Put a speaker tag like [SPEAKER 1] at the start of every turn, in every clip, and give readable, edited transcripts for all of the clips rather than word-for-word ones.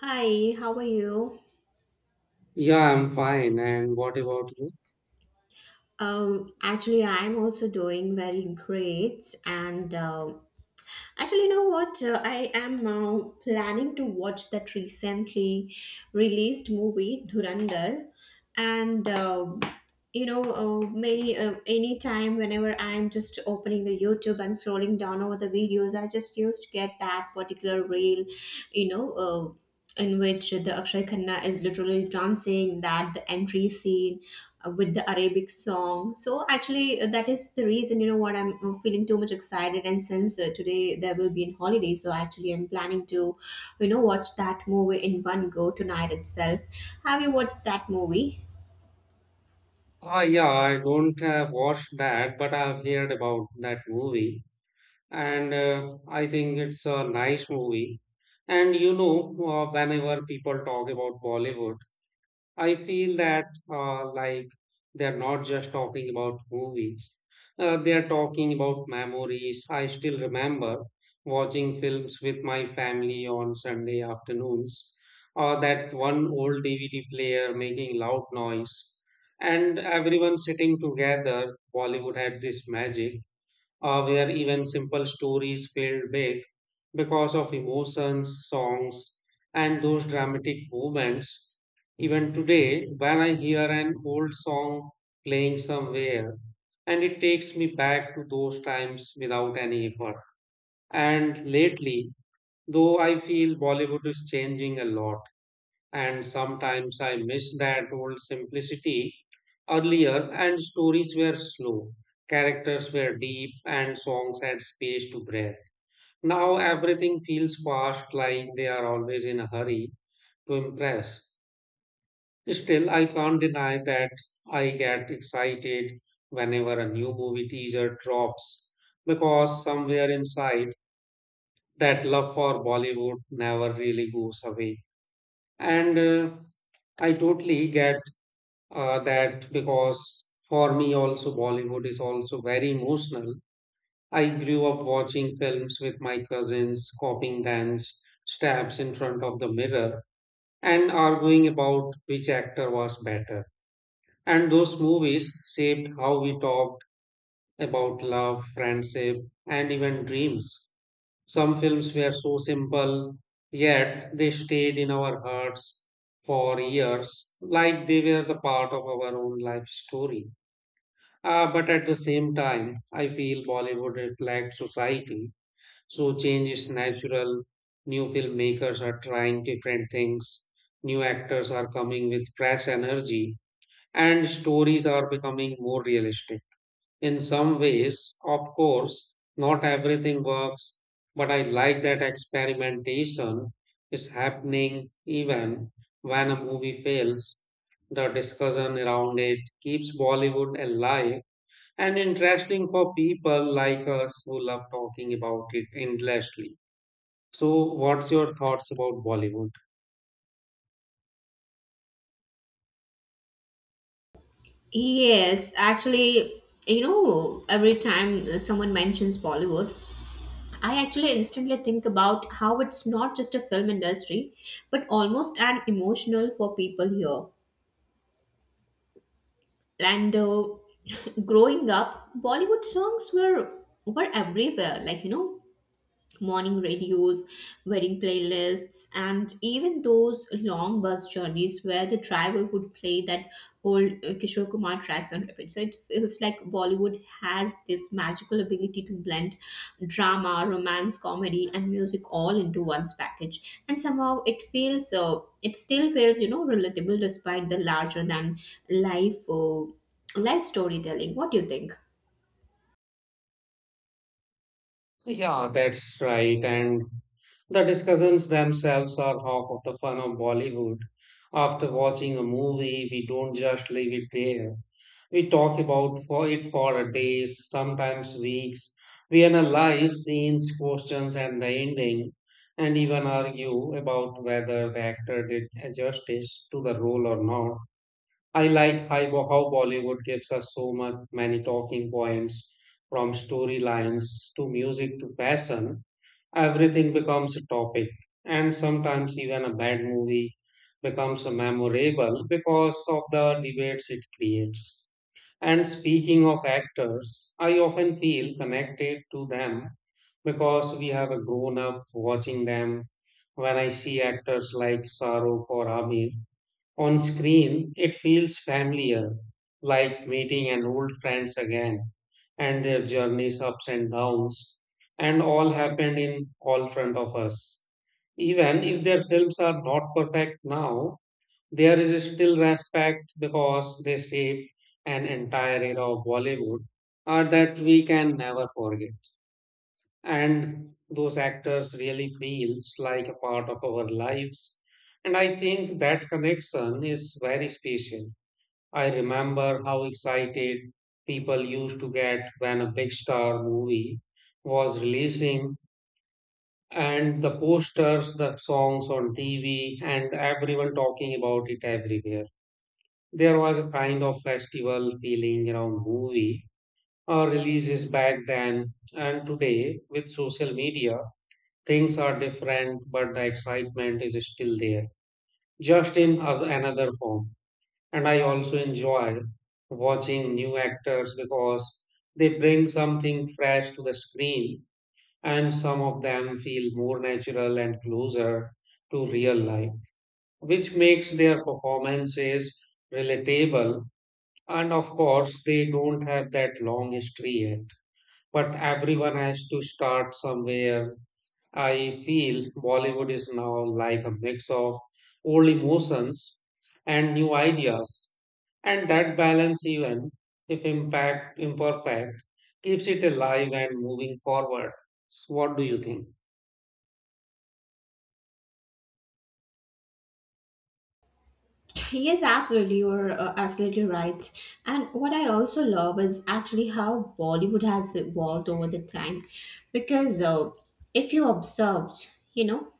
[SPEAKER 1] Hi, how are you?
[SPEAKER 2] Yeah, I'm fine. And what about you?
[SPEAKER 1] Actually, I'm also doing very great, and actually, you know what? I am planning to watch that recently released movie Dhurandhar. And many any time whenever I'm just opening the YouTube and scrolling down over the videos, I just used to get that particular reel, in which the Akshay Khanna is literally dancing that the entry scene with the Arabic song. So actually, that is the reason, you know what, I'm feeling too much excited. And since, today there will be a holiday, so actually I'm planning to watch that movie in one go tonight itself. Have you watched that movie?
[SPEAKER 2] Ah, yeah, I don't have watched that, but I've heard about that movie. And I think it's a nice movie. And you know, whenever people talk about Bollywood, I feel that like they're not just talking about movies. They're talking about memories. I still remember watching films with my family on Sunday afternoons, or that one old DVD player making loud noise, and everyone sitting together. Bollywood had this magic where even simple stories felt big because of emotions, songs, and those dramatic moments. Even today, when I hear an old song playing somewhere, and it takes me back to those times without any effort. And lately, though I feel Bollywood is changing a lot, and sometimes I miss that old simplicity earlier, and stories were slow, characters were deep, and songs had space to breathe. Now everything feels fast, like they are always in a hurry to impress. Still, I can't deny that I get excited whenever a new movie teaser drops because somewhere inside that love for Bollywood never really goes away. And I totally get that because for me also Bollywood is also very emotional. I grew up watching films with my cousins, copying dance steps in front of the mirror and arguing about which actor was better. And those movies shaped how we talked about love, friendship, and even dreams. Some films were so simple, yet they stayed in our hearts for years, like they were the part of our own life story. But at the same time, I feel Bollywood reflects society, so change is natural. New filmmakers are trying different things, new actors are coming with fresh energy, and stories are becoming more realistic. In some ways, of course, not everything works, but I like that experimentation is happening even when a movie fails. The discussion around it keeps Bollywood alive and interesting for people like us who love talking about it endlessly. So, what's your thoughts about Bollywood?
[SPEAKER 1] Yes, actually, you know, every time someone mentions Bollywood, I actually instantly think about how it's not just a film industry, but almost an emotional for people here. And growing up, Bollywood songs were everywhere. Like, you know, morning radios, wedding playlists, and even those long bus journeys where the driver would play that old Kishore Kumar tracks on repeat. So it feels like Bollywood has this magical ability to blend drama, romance, comedy, and music all into one's package. And somehow it feels, you know, relatable despite the larger than life, uh, life storytelling. What do you think?
[SPEAKER 2] Yeah, that's right. And the discussions themselves are half of the fun of Bollywood. After watching a movie, we don't just leave it there. We talk about for it for a days, sometimes weeks. We analyze scenes, questions, and the ending, and even argue about whether the actor did justice to the role or not. I like how Bollywood gives us so much, many talking points from storylines to music to fashion. Everything becomes a topic, and sometimes even a bad movie becomes a memorable because of the debates it creates. And speaking of actors, I often feel connected to them because we have a grown up watching them. When I see actors like Shahrukh or Amir, on screen, it feels familiar, like meeting an old friends again, and their journeys, ups and downs, and all happened in all front of us. Even if their films are not perfect now, there is still respect because they saved an entire era of Bollywood, art that we can never forget and those actors really feels like a part of our lives, and I think that connection is very special. I remember how excited people used to get when a big star movie was releasing, and the posters, the songs on TV, and everyone talking about it everywhere. There was a kind of festival feeling around movie releases back then, and today with social media things are different, but the excitement is still there, just in another form. And I also enjoy watching new actors because they bring something fresh to the screen, and some of them feel more natural and closer to real life, which makes their performances relatable. And of course, they don't have that long history yet, but everyone has to start somewhere. I feel Bollywood is now like a mix of old emotions and new ideas, and that balance, even if impact imperfect, keeps it alive and moving forward. So what do you think?
[SPEAKER 1] Yes, absolutely. You're absolutely right. And what I also love is actually how Bollywood has evolved over the time. Because if you observed, you know,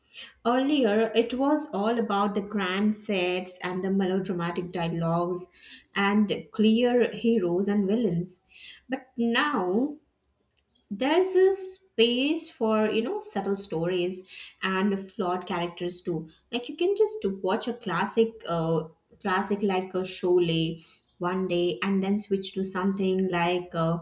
[SPEAKER 1] earlier it was all about the grand sets and the melodramatic dialogues and clear heroes and villains. But now there's a space for subtle stories and flawed characters too, like you can just watch a classic like a Sholay one day, and then switch to something like uh,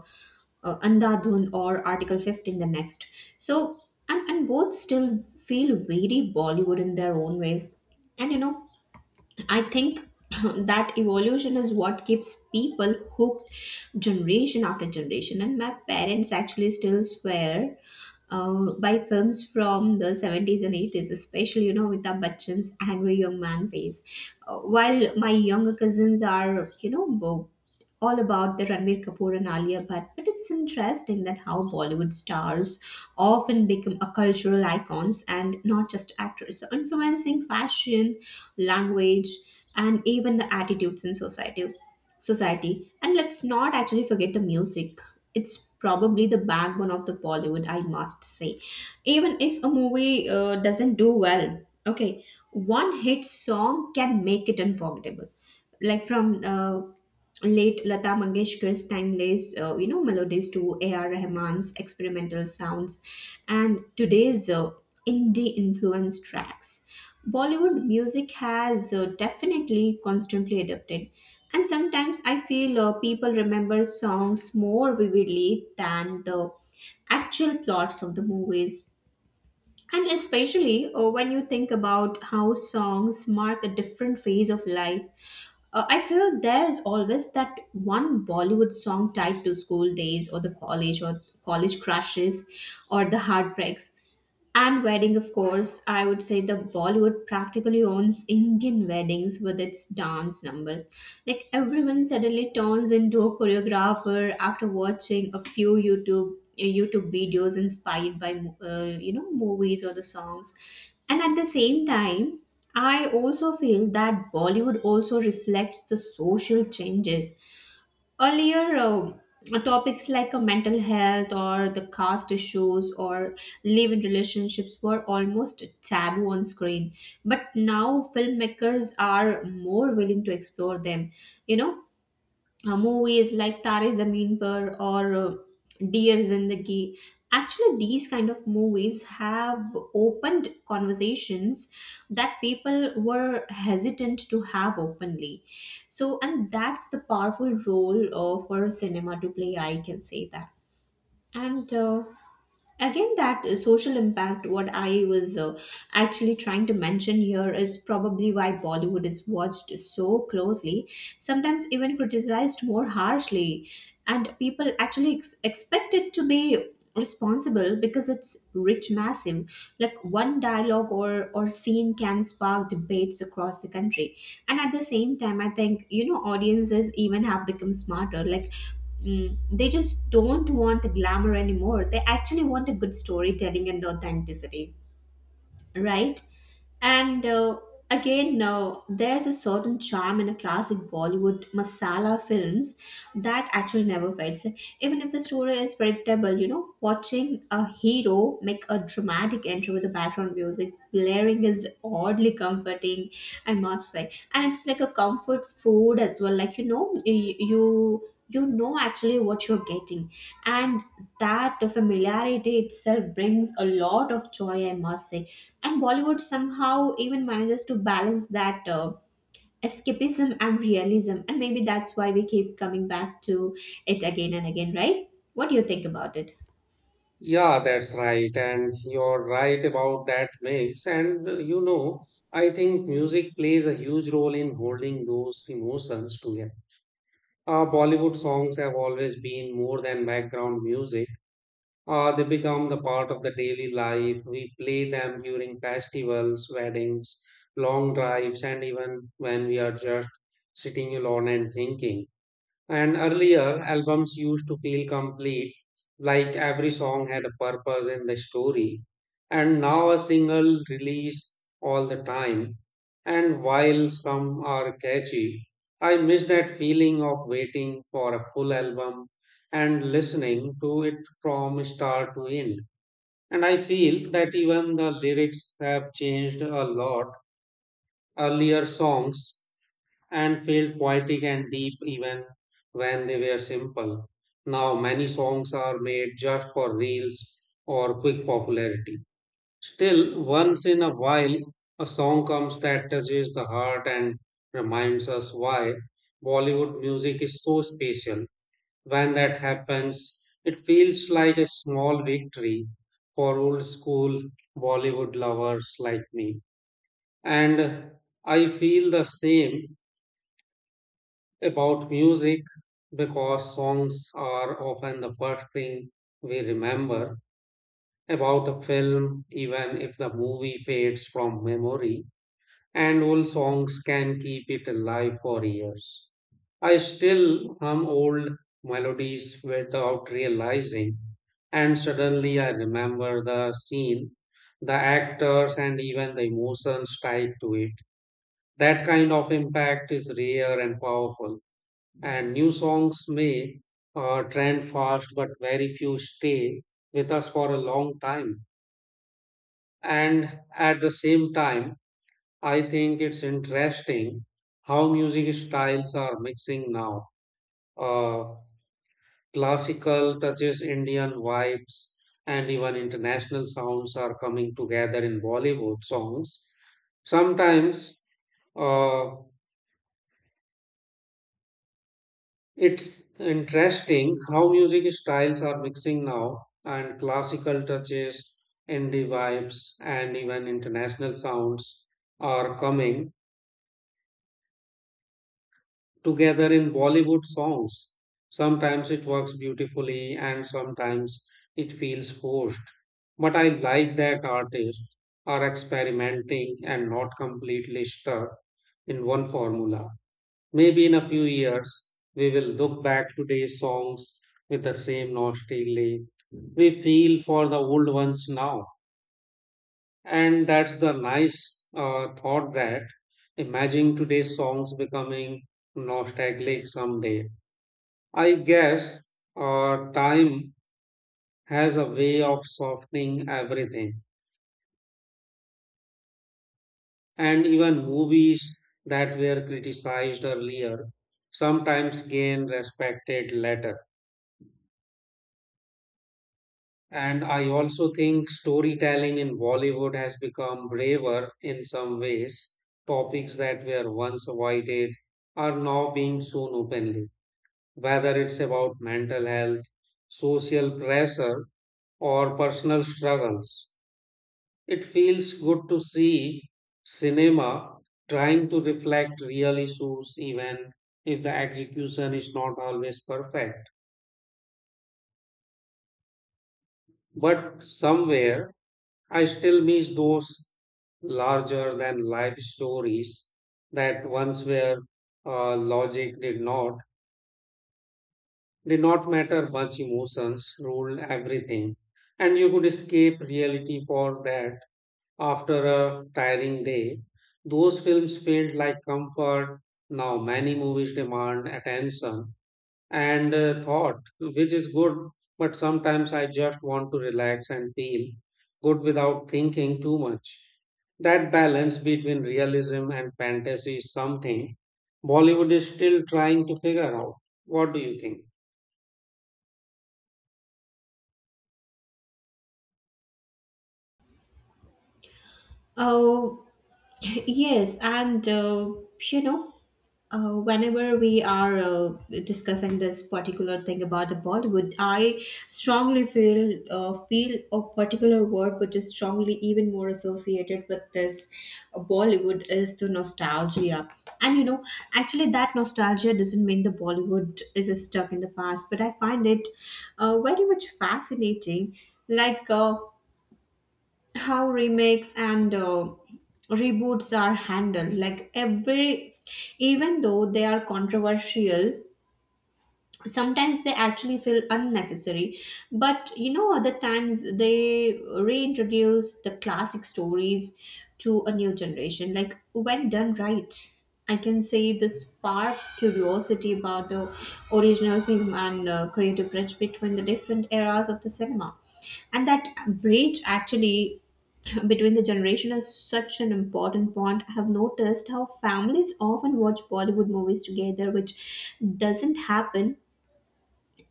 [SPEAKER 1] uh, Andhadhun or Article 15 the next. So, and both still feel very Bollywood in their own ways. And you know, I think that evolution is what keeps people hooked generation after generation. And my parents actually still swear by films from the 70s and 80s, especially, you know, with Amitabh Bachchan's angry young man phase. While my younger cousins are, all about the Ranbir Kapoor and Alia Bhatt. But it's interesting that how Bollywood stars often become a cultural icons and not just actors, so influencing fashion, language, and even the attitudes in society. And let's not actually forget the music. It's probably the backbone of the Bollywood, I must say. Even if a movie doesn't do well, okay, one hit song can make it unforgettable. Like from late Lata Mangeshkar's timeless, melodies to A.R. Rahman's experimental sounds, and today's indie influence tracks. Bollywood music has definitely constantly adapted, and sometimes I feel people remember songs more vividly than the actual plots of the movies. And especially when you think about how songs mark a different phase of life, I feel there's always that one Bollywood song tied to school days, or the college, or college crushes, or the heartbreaks. And wedding, of course, I would say the Bollywood practically owns Indian weddings with its dance numbers. Like everyone suddenly turns into a choreographer after watching a few YouTube videos inspired by movies or the songs. And at the same time, I also feel that Bollywood also reflects the social changes. Earlier, topics like mental health, or the caste issues, or live in relationships, were almost taboo on screen. But now filmmakers are more willing to explore them, you know movies like Tare Zameen Par, or Dear Zindagi. Actually, these kind of movies have opened conversations that people were hesitant to have openly. So, and that's the powerful role for cinema to play, I can say that. And again, that social impact, what I was actually trying to mention here, is probably why Bollywood is watched so closely, sometimes even criticized more harshly. And people actually expect it to be responsible, because it's rich massive. Like one dialogue or scene can spark debates across the country. And at the same time, I think, you know, audiences even have become smarter. Like, they just don't want the glamour anymore. They actually want a good storytelling and authenticity, right? And again, there's a certain charm in a classic Bollywood masala films that actually never fades. Even if the story is predictable, you know, watching a hero make a dramatic entry with the background music blaring is oddly comforting, I must say. And it's like a comfort food as well. Like, you know actually what you're getting. And that familiarity itself brings a lot of joy, I must say. And Bollywood somehow even manages to balance that escapism and realism. And maybe that's why we keep coming back to it again and again, right? What do you think about it?
[SPEAKER 2] Yeah, that's right, and you're right about that mix. And you know, I think music plays a huge role in holding those emotions together. Bollywood songs have always been more than background music. They become the part of the daily life. We play them during festivals, weddings, long drives, and even when we are just sitting alone and thinking. And earlier albums used to feel complete, like every song had a purpose and a story. And now a single release all the time. And while some are catchy, I miss that feeling of waiting for a full album and listening to it from start to end. And I feel that even the lyrics have changed a lot earlier songs and felt poetic and deep even when they were simple. Now, many songs are made just for reels or quick popularity. Still, once in a while, a song comes that touches the heart and reminds us why Bollywood music is so special. When that happens, it feels like a small victory for old school Bollywood lovers like me. And I feel the same about music because songs are often the first thing we remember about a film, even if the movie fades from memory. And old songs can keep it alive for years. I still hum old melodies without realizing, and suddenly I remember the scene, the actors, and even the emotions tied to it. That kind of impact is rare and powerful. And new songs may trend fast, but very few stay with us for a long time. And at the same time, I think it's interesting how music styles are mixing now. Uh, classical touches, Indian vibes, and even international sounds are coming together in Bollywood songs. Sometimes uh, It's interesting how music styles are mixing now, and classical touches, indie vibes, and even international sounds are coming together in Bollywood songs. Sometimes it works beautifully, and sometimes it feels forced. But I like that artists are experimenting and not completely stuck in one formula. Maybe in a few years, we will look back today's songs with the same nostalgia. We feel for the old ones now. And that's the nice thought that imagine today's songs becoming nostalgic someday. I guess time has a way of softening everything. And even movies that were criticized earlier sometimes gain respected later. And I also think storytelling in Bollywood has become braver in some ways. Topics that were once avoided are now being shown openly, whether it's about mental health, social pressure, or personal struggles. It feels good to see cinema trying to reflect real issues, even if the execution is not always perfect. But somewhere, I still miss those larger than life stories that once were logic did not matter much, emotions ruled everything, and you could escape reality for that. After a tiring day, those films felt like comfort. Now many movies demand attention and thought, which is good. But sometimes I just want to relax and feel good without thinking too much. That balance between realism and fantasy is something Bollywood is still trying to figure out. What do you think?
[SPEAKER 1] Oh. Yes, and you know, whenever we are discussing this particular thing about the Bollywood, I strongly feel a particular word which is strongly even more associated with this Bollywood, is the nostalgia. And you know, actually, that nostalgia doesn't mean the Bollywood is stuck in the past, but I find it very much fascinating. Like. How remakes and reboots are handled, like every even though they are controversial, sometimes they actually feel unnecessary. But you know, other times they reintroduce the classic stories to a new generation. Like, when done right, I can say the spark curiosity about the original film, and create a bridge between the different eras of the cinema. And that bridge, actually, between the generation, is such an important point. I have noticed how families often watch Bollywood movies together, which doesn't happen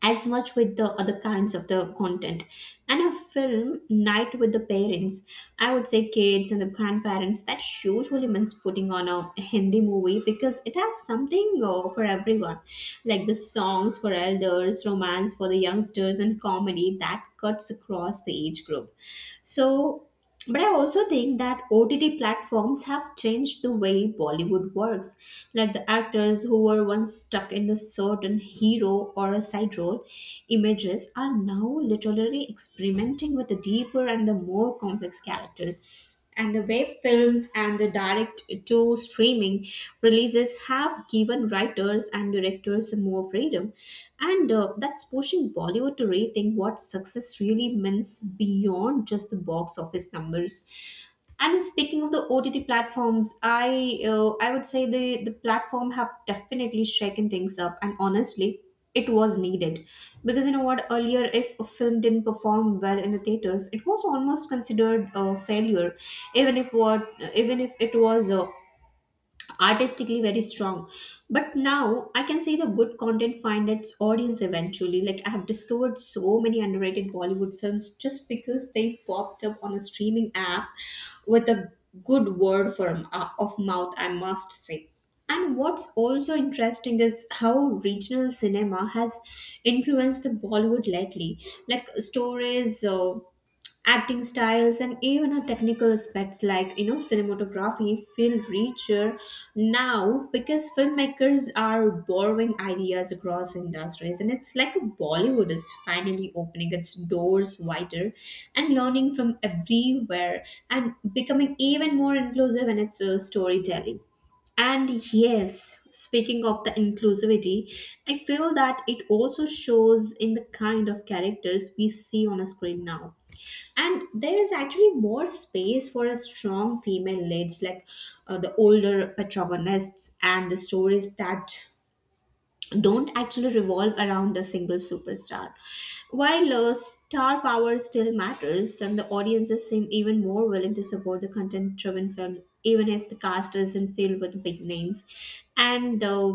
[SPEAKER 1] as much with the other kinds of the content. And a film night with the parents, I would say, kids and the grandparents, that usually means putting on a Hindi movie, because it has something for everyone, like the songs for elders, romance for the youngsters, and comedy that cuts across the age group. So, but I also think that OTT platforms have changed the way Bollywood works. Like the actors who were once stuck in a certain hero or a side role, images are now literally experimenting with the deeper and the more complex characters. And the web films and the direct to streaming releases have given writers and directors more freedom. And that's pushing Bollywood to rethink what success really means beyond just the box office numbers. And speaking of the OTT platforms, I would say the platform have definitely shaken things up. And honestly, it was needed, because you know what, earlier if a film didn't perform well in the theaters, it was almost considered a failure, even if it was artistically very strong. But now I can say the good content find its audience eventually. Like, I have discovered so many underrated Bollywood films just because they popped up on a streaming app with a good word for of mouth, I must say. And what's also interesting is how regional cinema has influenced the Bollywood lately, like stories, acting styles, and even our technical aspects, like, cinematography, feel richer now, because filmmakers are borrowing ideas across industries. And it's like Bollywood is finally opening its doors wider and learning from everywhere, and becoming even more inclusive in its storytelling. And yes, speaking of the inclusivity, I feel that it also shows in the kind of characters we see on a screen now. And there is actually more space for a strong female leads, like the older protagonists, and the stories that don't actually revolve around a single superstar. While star power still matters, and the audiences seem even more willing to support the content driven film even if the cast isn't filled with big names. And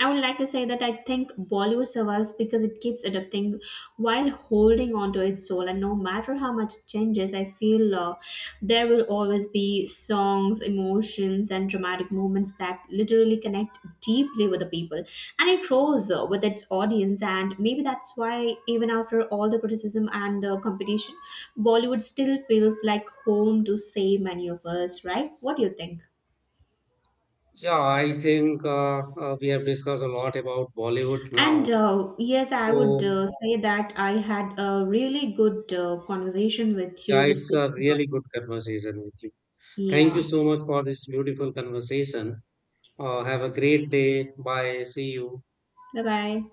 [SPEAKER 1] I would like to say that I think Bollywood survives because it keeps adapting while holding on to its soul. And no matter how much it changes, I feel there will always be songs, emotions, and dramatic moments that literally connect deeply with the people. And it grows with its audience, and maybe that's why, even after all the criticism and competition, Bollywood still feels like home to so many of us, right? What do you think?
[SPEAKER 2] Yeah, I think we have discussed a lot about Bollywood
[SPEAKER 1] And
[SPEAKER 2] now.
[SPEAKER 1] yes, I would
[SPEAKER 2] So,
[SPEAKER 1] say that I had a really good conversation with
[SPEAKER 2] yeah,
[SPEAKER 1] you
[SPEAKER 2] it's a
[SPEAKER 1] discussing
[SPEAKER 2] really good conversation with you. Thank you
[SPEAKER 1] Yeah.
[SPEAKER 2] so much for this beautiful conversation. Have a great day. Bye. See you.
[SPEAKER 1] Bye bye.